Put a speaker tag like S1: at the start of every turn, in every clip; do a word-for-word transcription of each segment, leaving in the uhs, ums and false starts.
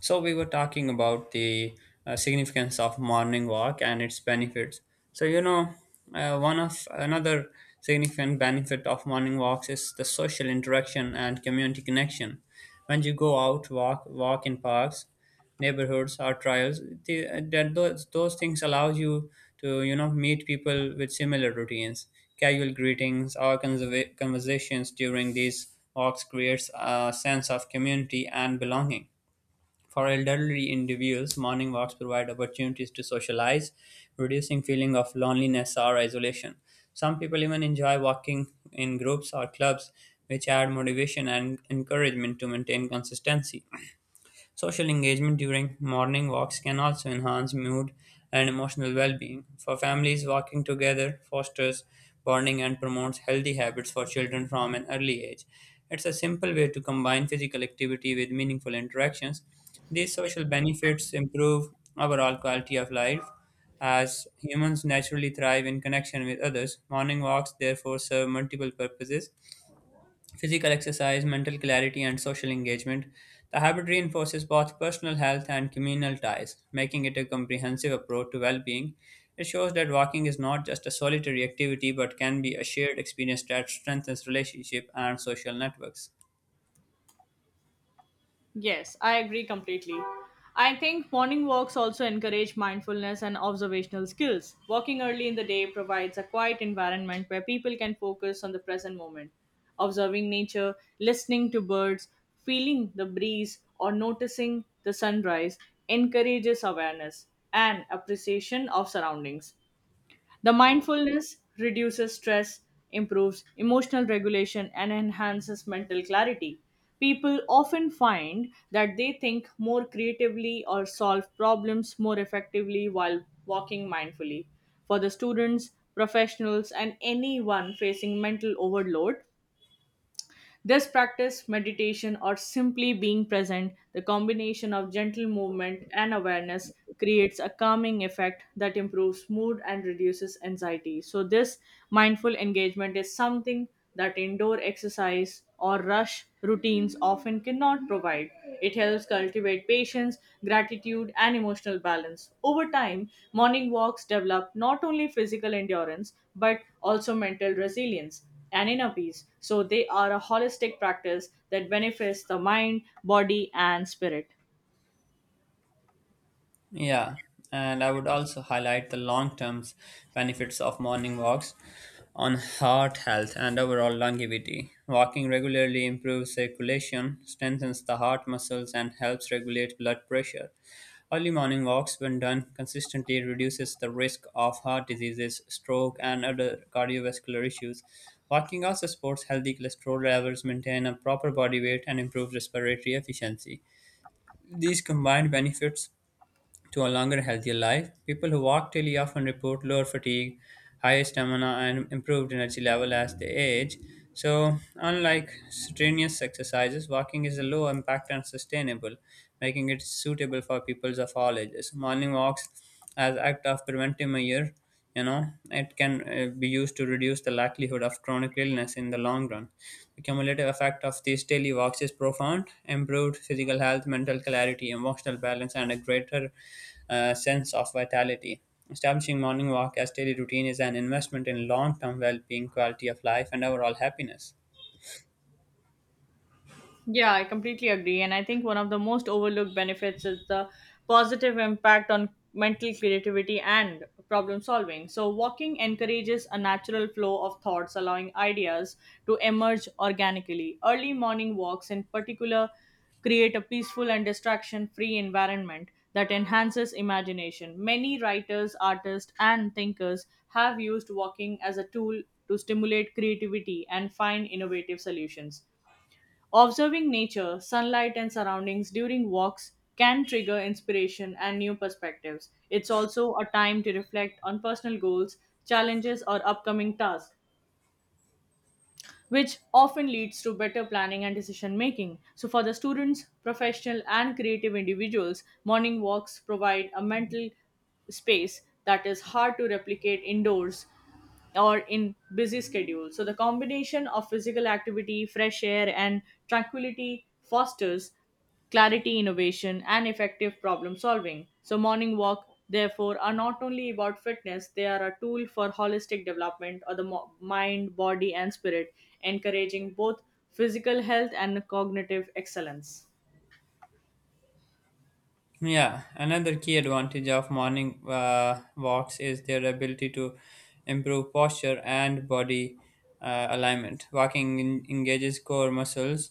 S1: So we were talking about the uh, significance of morning walk and its benefits. So you know, uh, One of another significant benefit of morning walks is the social interaction and community connection. When you go out walk walk in parks, neighborhoods or trails, the, uh, that those those things allow you to you know meet people with similar routines. Casual greetings or conserva- conversations during these walks creates a sense of community and belonging for elderly individuals. Morning walks provide opportunities to socialize, reducing feeling of loneliness or isolation. Some people even enjoy walking in groups or clubs, which add motivation and encouragement to maintain consistency. Social engagement during morning walks can also enhance mood and emotional well being. For families, walking together fosters bonding and promotes healthy habits for children from an early age. It's a simple way to combine physical activity with meaningful interactions. These social benefits improve overall quality of life as humans naturally thrive in connection with others. Morning walks therefore serve multiple purposes: physical exercise, mental clarity, and social engagement. The habit reinforces both personal health and communal ties, making it a comprehensive approach to well being. It shows that walking is not just a solitary activity but can be a shared experience that strengthens relationship and social networks.
S2: Yes, I agree completely. I think morning walks also encourage mindfulness and observational skills. Walking early in the day provides a quiet environment where people can focus on the present moment. Observing nature, listening to birds, feeling the breeze, or noticing the sunrise encourages awareness and appreciation of surroundings. The mindfulness reduces stress, improves emotional regulation, and enhances mental clarity. People often find that they think more creatively or solve problems more effectively while walking mindfully. For the students, professionals, and anyone facing mental overload, this practice, meditation, or simply being present, the combination of gentle movement and awareness creates a calming effect that improves mood and reduces anxiety. So this mindful engagement is something that indoor exercise or rush routines often cannot provide. It helps cultivate patience, gratitude, and emotional balance. Over time, morning walks develop not only physical endurance but also mental resilience and inner peace. So they are a holistic practice that benefits the mind, body, and spirit.
S1: Yeah, and I would also highlight the long term benefits of morning walks on heart health and overall longevity. Walking regularly improves circulation, strengthens the heart muscles, and helps regulate blood pressure. Early morning walks, when done consistently, reduces the risk of heart diseases, stroke, and other cardiovascular issues. Walking also supports healthy cholesterol levels, maintain a proper body weight, and improves respiratory efficiency. These combined benefits to a longer, healthier life. People who walk daily often report lower fatigue, higher stamina, and improved energy level as they age. So, unlike strenuous exercises, walking is a low impact and sustainable, making it suitable for people of all ages. Morning walks as act of preventive measure you know it can uh, be used to reduce the likelihood of chronic illness in the long run. The cumulative effect of these daily walks is profound: improved physical health, mental clarity, emotional balance, and a greater uh, sense of vitality. Establishing morning walk as daily routine is an investment in long-term well-being, quality of life, and overall happiness.
S2: Yeah, I completely agree. And I think one of the most overlooked benefits is the positive impact on mental creativity and problem solving. So walking encourages a natural flow of thoughts, allowing ideas to emerge organically. Early morning walks, in particular, create a peaceful and distraction free environment that enhances imagination. Many writers, artists, and thinkers have used walking as a tool to stimulate creativity and find innovative solutions. Observing nature, sunlight, and surroundings during walks can trigger inspiration and new perspectives. It's also a time to reflect on personal goals, challenges, or upcoming tasks which often leads to better planning and decision making. So, for the students, professional, and creative individuals, morning walks provide a mental space that is hard to replicate indoors or in busy schedules. So the combination of physical activity, fresh air, and tranquility fosters clarity, innovation, and effective problem solving. So morning walk, therefore, are not only about fitness, they are a tool for holistic development of the mo- mind, body, and spirit, encouraging both physical health and cognitive excellence.
S1: Yeah, another key advantage of morning uh, walks is their ability to improve posture and body uh, alignment. Walking en- engages core muscles,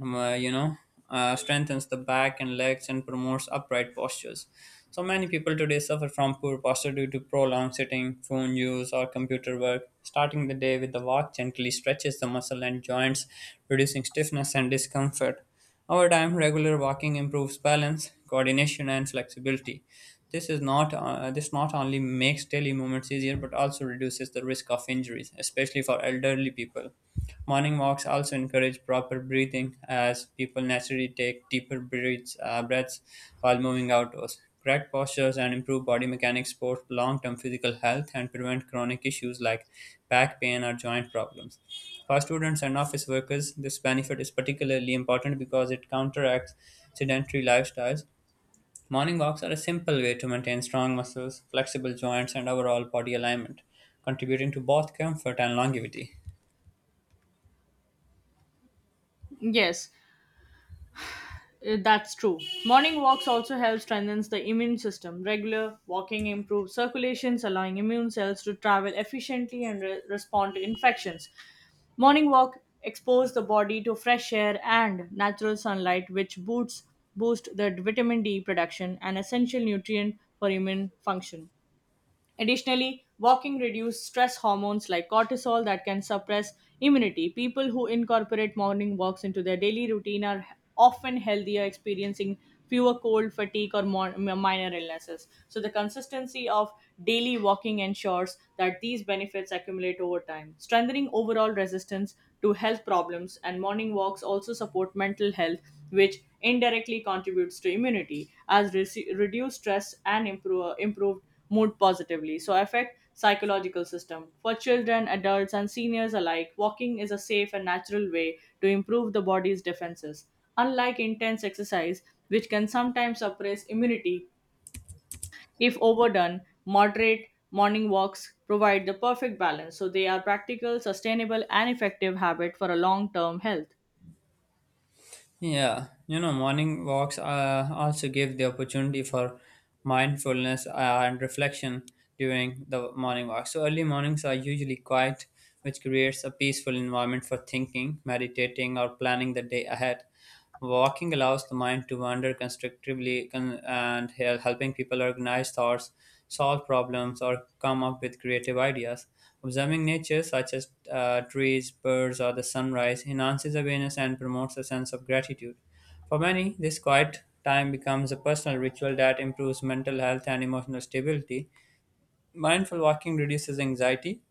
S1: um, uh, you know, uh, strengthens the back and legs and promotes upright postures. So many people today suffer from poor posture due to prolonged sitting, phone use, or computer work. Starting the day with a walk gently stretches the muscle and joints, reducing stiffness and discomfort. Over time, regular walking improves balance, coordination, and flexibility. This is not uh, this not only makes daily movements easier but also reduces the risk of injuries, especially for elderly people. Morning walks also encourage proper breathing as people naturally take deeper breaths, uh, breaths while moving outdoors. Correct postures and improved body mechanics support long term physical health and prevent chronic issues like back pain or joint problems. For students and office workers, this benefit is particularly important because it counteracts sedentary lifestyles. Morning walks are a simple way to maintain strong muscles, flexible joints, and overall body alignment, contributing to both comfort and longevity.
S2: Yes, uh, that's true. Morning walks also help strengthens the immune system. Regular walking improves circulations, allowing immune cells to travel efficiently and re- respond to infections. Morning walk expose the body to fresh air and natural sunlight, which boosts boost the vitamin D production, an essential nutrient for immune function. Additionally, walking reduces stress hormones like cortisol that can suppress immunity. People who incorporate morning walks into their daily routine are often healthier, experiencing fewer cold, fatigue, or more, minor illnesses. So the consistency of daily walking ensures that these benefits accumulate over time, strengthening overall resistance to health problems. And morning walks also support mental health, which indirectly contributes to immunity, as re- reduced stress and improve, improved mood positively. So affect psychological system. For children, adults and seniors alike, walking is a safe and natural way to improve the body's defenses. Unlike intense exercise, which can sometimes suppress immunity if overdone, moderate morning walks provide the perfect balance so they are practical, sustainable and effective habit for a long-term health.
S1: Yeah, you know, morning walks uh, also give the opportunity for mindfulness uh, and reflection during the morning walk. So, early mornings are usually quiet, which creates a peaceful environment for thinking, meditating, or planning the day ahead. Walking allows the mind to wander constructively con- and hel- helping people organize thoughts, solve problems, or come up with creative ideas. Observing nature, such as uh, trees, birds, or the sunrise, enhances awareness and promotes a sense of gratitude. For many, this quiet time becomes a personal ritual that improves mental health and emotional stability. Mindful walking reduces anxiety,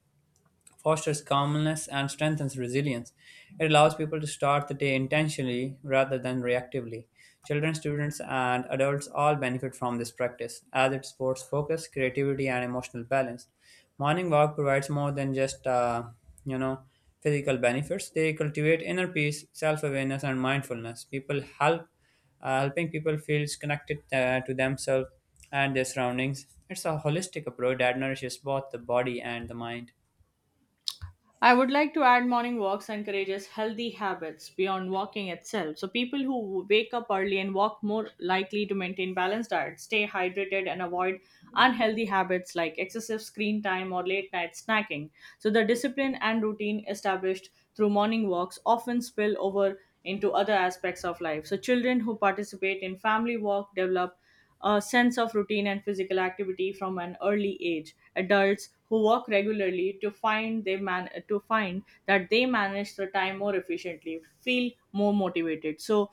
S1: fosters calmness and strengthens resilience. It allows people to start the day intentionally rather than reactively. Children, students, and adults all benefit from this practice, as it supports focus, creativity, and emotional balance. Morning walk provides more than just uh, you know physical benefits. They cultivate inner peace, self-awareness, and mindfulness. People help uh, helping people feels connected uh, to themselves and their surroundings. It's a holistic approach that nourishes both the body and the mind.
S2: I would like to add morning walks encourages healthy habits beyond walking itself. So people who wake up early and walk more likely to maintain balanced diet, stay hydrated and avoid unhealthy habits like excessive screen time or late night snacking. So the discipline and routine established through morning walks often spill over into other aspects of life. So children who participate in family walk develop a sense of routine and physical activity from an early age. Adults who walk regularly to find they man to find that they manage the time more efficiently, feel more motivated. So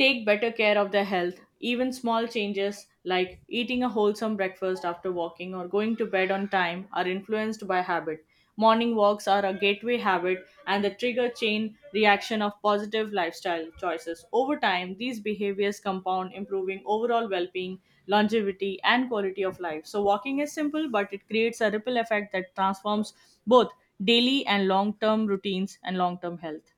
S2: take better care of their health. Even small changes like eating a wholesome breakfast after walking or going to bed on time are influenced by habit. Morning walks are a gateway habit and the trigger chain reaction of positive lifestyle choices. Over time, these behaviors compound, improving overall well being, longevity, and quality of life. So walking is simple, but it creates a ripple effect that transforms both daily and long term routines and long term health.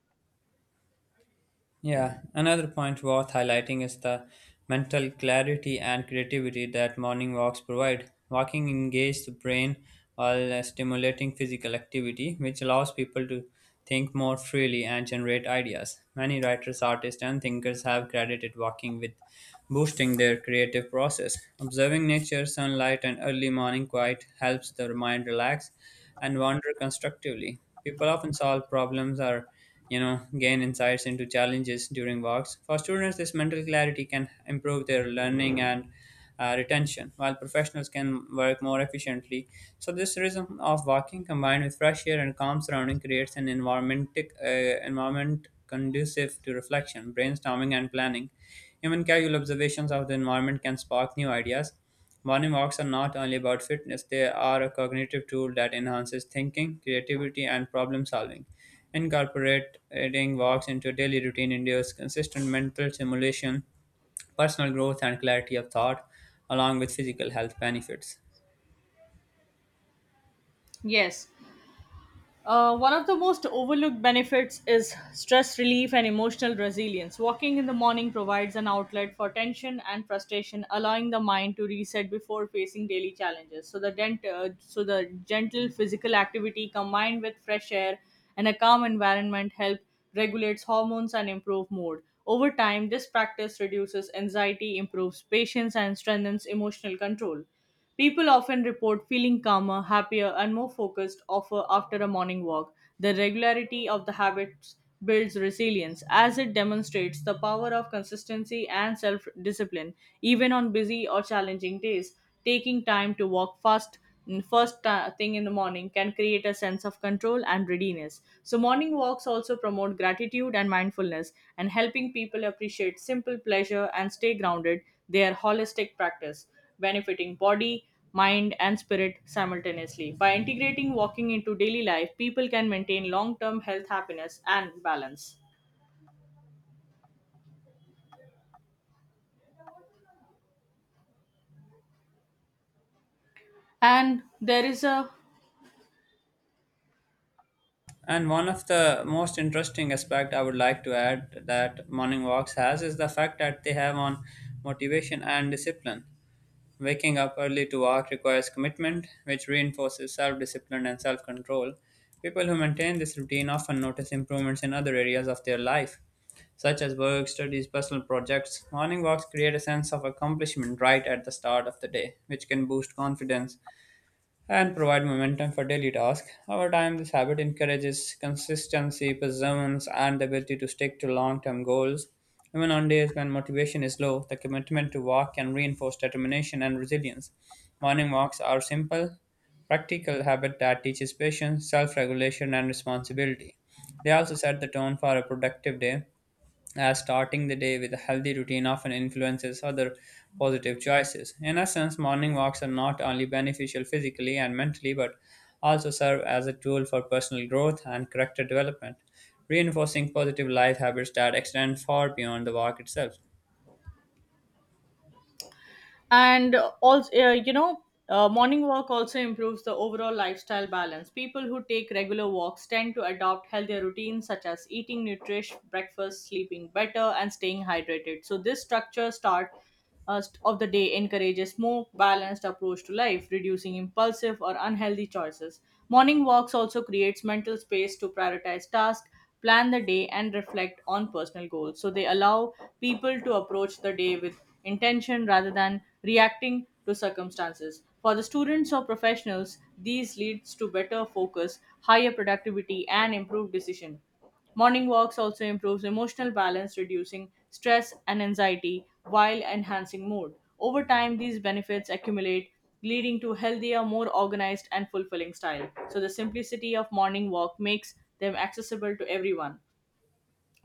S1: Yeah, another point worth highlighting is the mental clarity and creativity that morning walks provide. Walking engages the brain while uh, stimulating physical activity, which allows people to think more freely and generate ideas. Many writers, artists, and thinkers have credited walking with boosting their creative process. Observing nature, sunlight, and early morning quiet helps the mind relax and wander constructively. People often solve problems or you know, gain insights into challenges during walks. For students, this mental clarity can improve their learning and uh, retention, while professionals can work more efficiently. So, this rhythm of walking combined with fresh air and calm surrounding creates an environment, uh, environment conducive to reflection, brainstorming, and planning. Even casual observations of the environment can spark new ideas. Morning walks are not only about fitness, they are a cognitive tool that enhances thinking, creativity, and problem solving. Incorporating walks into daily routine induces consistent mental stimulation, personal growth, and clarity of thought, along with physical health benefits.
S2: Yes. Uh, one of the most overlooked benefits is stress relief and emotional resilience. Walking in the morning provides an outlet for tension and frustration, allowing the mind to reset before facing daily challenges. So the dent, uh, so the gentle physical activity combined with fresh air and a calm environment help regulates hormones and improve mood. Over time, this practice reduces anxiety, improves patience, and strengthens emotional control. People often report feeling calmer, happier, and more focused offer after a morning walk. The regularity of the habits builds resilience as it demonstrates the power of consistency and self discipline, even on busy or challenging days. Taking time to walk fast mm, first ti- thing in the morning can create a sense of control and readiness. So morning walks also promote gratitude and mindfulness, and helping people appreciate simple pleasure and stay grounded, their holistic practice benefiting body, mind, and spirit simultaneously. By integrating walking into daily life, people can maintain long term health, happiness, and balance. And there is a
S1: And one of the most interesting aspect I would like to add that morning walks has is the fact that they have on motivation and discipline. Waking up early to work requires commitment, which reinforces self discipline and self control. People who maintain this routine often notice improvements in other areas of their life, such as work, studies, personal projects. Morning walks create a sense of accomplishment right at the start of the day, which can boost confidence and provide momentum for daily tasks. Over time, this habit encourages consistency, perseverance, and the ability to stick to long term goals. Even on days when motivation is low, the commitment to walk can reinforce determination and resilience. Morning walks are simple, practical habit that teaches patience, self regulation, and responsibility. They also set the tone for a productive day as starting the day with a healthy routine often influences other positive choices. In essence, morning walks are not only beneficial physically and mentally, but also serve as a tool for personal growth and character development, reinforcing positive life habits that extend far beyond the walk itself.
S2: and also uh, you know uh, morning walk also improves the overall lifestyle balance people who take regular walks tend to adopt healthier routines such as eating nutritious breakfast sleeping better and staying hydrated so this structure start uh, st- of the day encourages more balanced approach to life reducing impulsive or unhealthy choices morning walks also creates mental space to prioritize tasks plan the day, and reflect on personal goals. So they allow people to approach the day with intention rather than reacting to circumstances. For the students or professionals, these leads to better focus, higher productivity, and improved decision. Morning walks also improves emotional balance, reducing stress and anxiety while enhancing mood. Over time, these benefits accumulate, leading to healthier, more organized, and fulfilling style. So the simplicity of morning walk makes them accessible to everyone.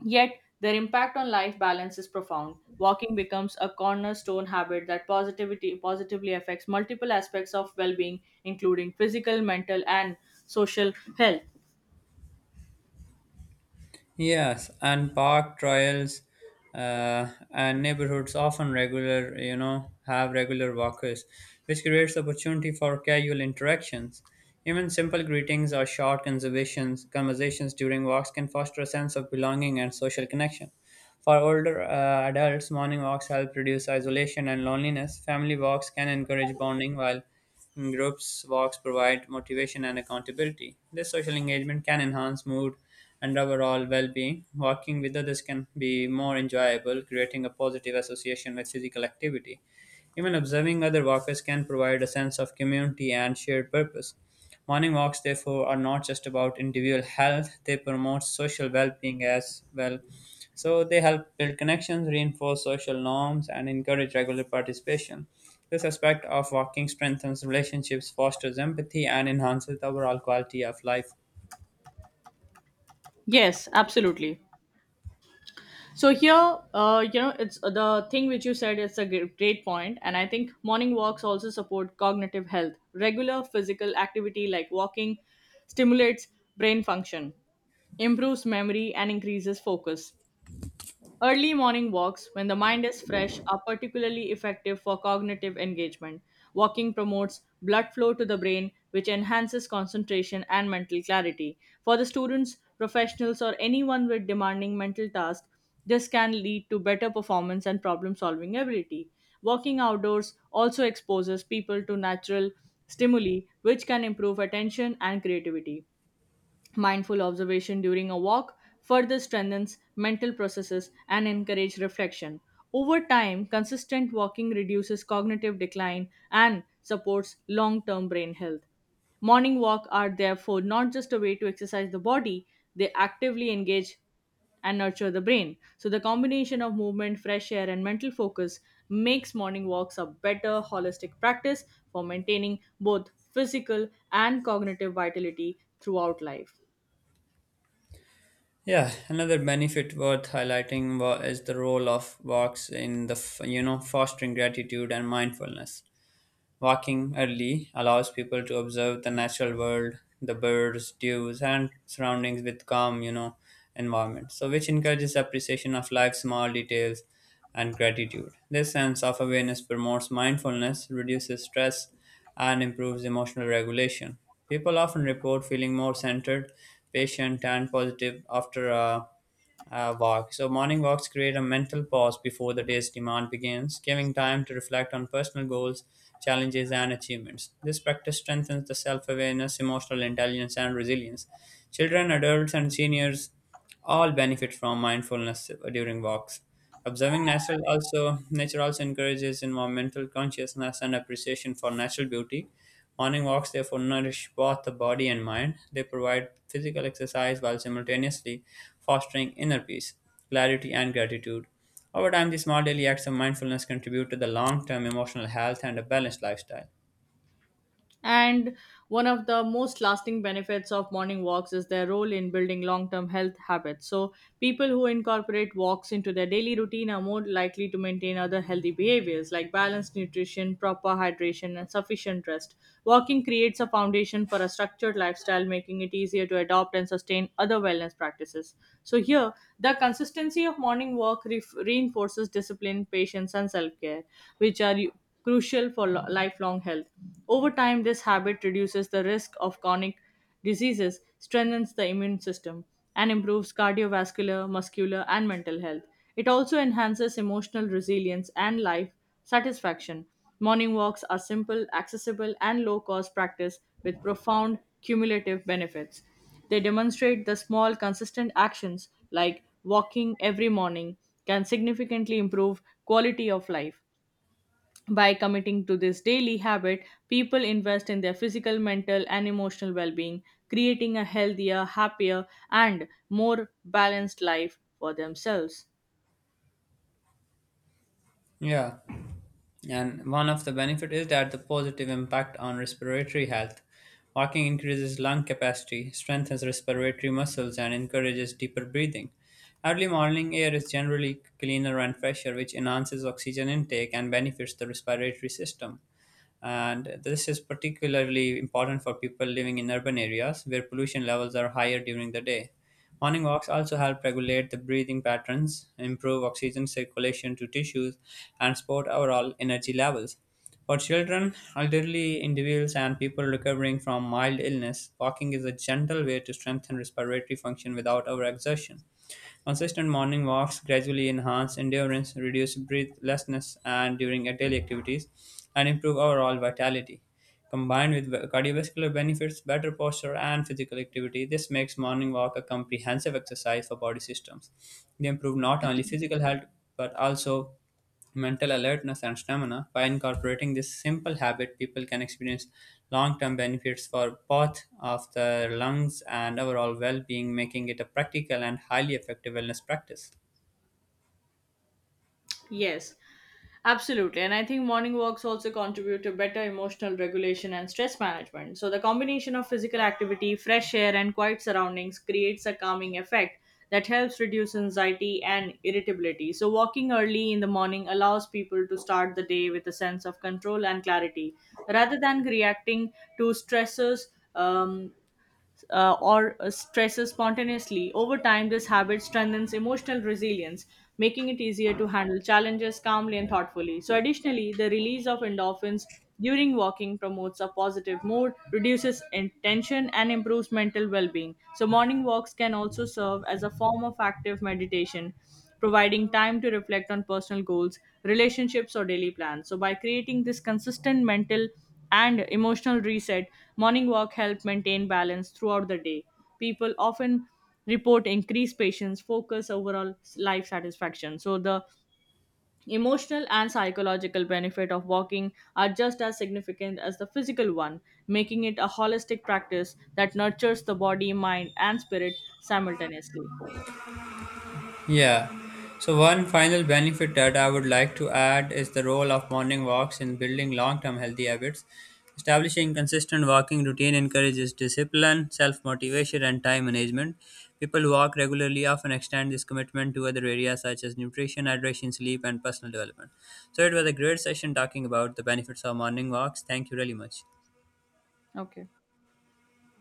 S2: Yet their impact on life balance is profound. Walking becomes a cornerstone habit that positivity positively affects multiple aspects of well-being, including physical, mental, and social health.
S1: Yes, and park trials uh, and neighborhoods often regular, you know, have regular walkers, which creates opportunity for casual interactions. Even simple greetings or short conversations, conversations during walks can foster a sense of belonging and social connection. For older uh, adults, morning walks help reduce isolation and loneliness. Family walks can encourage bonding, while groups walks provide motivation and accountability. This social engagement can enhance mood and overall well being. Walking with others can be more enjoyable, creating a positive association with physical activity. Even observing other walkers can provide a sense of community and shared purpose. Morning walks, therefore, are not just about individual health, they promote social well being as well. So, they help build connections, reinforce social norms, and encourage regular participation. This aspect of walking strengthens relationships, fosters empathy, and enhances the overall quality of life.
S2: Yes, absolutely. So here, uh, you know, it's uh, the thing which you said is a gr- great point, and I think morning walks also support cognitive health. Regular physical activity like walking stimulates brain function, improves memory, and increases focus. Early morning walks, when the mind is fresh, are particularly effective for cognitive engagement. Walking promotes blood flow to the brain, which enhances concentration and mental clarity. For the students, professionals, or anyone with demanding mental tasks, this can lead to better performance and problem solving ability. Walking outdoors also exposes people to natural stimuli, which can improve attention and creativity. Mindful observation during a walk further strengthens mental processes and encourages reflection. Over time, consistent walking reduces cognitive decline and supports long-term brain health. Morning walks are therefore not just a way to exercise the body, they actively engage and nurture the brain. So the combination of movement, fresh air and mental focus makes morning walks a better holistic practice for maintaining both physical and cognitive vitality throughout life.
S1: Yeah, another benefit worth highlighting wa- is the role of walks in the f- you know fostering gratitude and mindfulness. Walking early allows people to observe the natural world, the birds, dews, and surroundings with calm, you know, environment. So, which encourages appreciation of life's small details and gratitude. This sense of awareness promotes mindfulness, reduces stress, and improves emotional regulation. People often report feeling more centered, patient, and positive after a uh, walk. So, morning walks create a mental pause before the day's demand begins, giving time to reflect on personal goals, challenges, and achievements. This practice strengthens the self awareness, emotional intelligence, and resilience. Children, adults, and seniors all benefit from mindfulness during walks. Observing nature also nature also encourages environmental consciousness and appreciation for natural beauty. Morning walks therefore nourish both the body and mind. They provide physical exercise while simultaneously fostering inner peace, clarity, and gratitude. Over time, these small daily acts of mindfulness contribute to the long-term emotional health and a balanced lifestyle.
S2: And one of the most lasting benefits of morning walks is their role in building long term health habits. So people who incorporate walks into their daily routine are more likely to maintain other healthy behaviors like balanced nutrition, proper hydration, and sufficient rest. Walking creates a foundation for a structured lifestyle, making it easier to adopt and sustain other wellness practices. So here, the consistency of morning walk ref reinforces discipline, patience, and self care, which are crucial for lo- lifelong health. Over time, this habit reduces the risk of chronic diseases, strengthens the immune system, and improves cardiovascular, muscular, and mental health. It also enhances emotional resilience and life satisfaction. Morning walks are simple, accessible, and low cost practice with profound cumulative benefits. They demonstrate the small, consistent actions like walking every morning can significantly improve quality of life. By committing to this daily habit, people invest in their physical, mental, and emotional well being, creating a healthier, happier, and more balanced life for themselves.
S1: Yeah. And one of the benefit is that the positive impact on respiratory health. Walking increases lung capacity, strengthens respiratory muscles, and encourages deeper breathing. Early morning air is generally cleaner and fresher, which enhances oxygen intake and benefits the respiratory system, and this is particularly important for people living in urban areas where pollution levels are higher during the day. Morning walks also help regulate the breathing patterns, improve oxygen circulation to tissues, and support overall energy levels. For children, elderly individuals, and people recovering from mild illness, walking is a gentle way to strengthen respiratory function without overexertion. Consistent morning walks gradually enhance endurance, reduce breathlessness and during daily activities, and improve overall vitality. Combined with cardiovascular benefits, better posture, and physical activity, this makes morning walk a comprehensive exercise for body systems. They improve not only physical health but also mental alertness, and stamina. By incorporating this simple habit, people can experience long term benefits for both of their lungs and overall well being, making it a practical and highly effective wellness practice.
S2: Yes, absolutely. And I think morning walks also contribute to better emotional regulation and stress management. So the combination of physical activity, fresh air, and quiet surroundings creates a calming effect that helps reduce anxiety and irritability. So walking early in the morning allows people to start the day with a sense of control and clarity rather than reacting to stressors. Um, uh, or uh, Stresses spontaneously. Over time, this habit strengthens emotional resilience, making it easier to handle challenges calmly and thoughtfully. So additionally, the release of endorphins during walking promotes a positive mood, reduces in- tension, and improves mental well being. So morning walks can also serve as a form of active meditation. Providing time to reflect on personal goals, relationships, or daily plans. So, by creating this consistent mental and emotional reset, morning walk help maintain balance throughout the day. People often report increased patience, focus, overall life satisfaction. So the emotional and psychological benefit of walking are just as significant as the physical one, making it a holistic practice that nurtures the body, mind, and spirit simultaneously.
S1: Yeah. So, one final benefit that I would like to add is the role of morning walks in building long term healthy habits. Establishing consistent walking routine encourages discipline, self motivation, and time management. People who walk regularly often extend this commitment to other areas such as nutrition, hydration, sleep, and personal development. So, it was a great session talking about the benefits of morning walks. Thank you really much.
S2: Okay.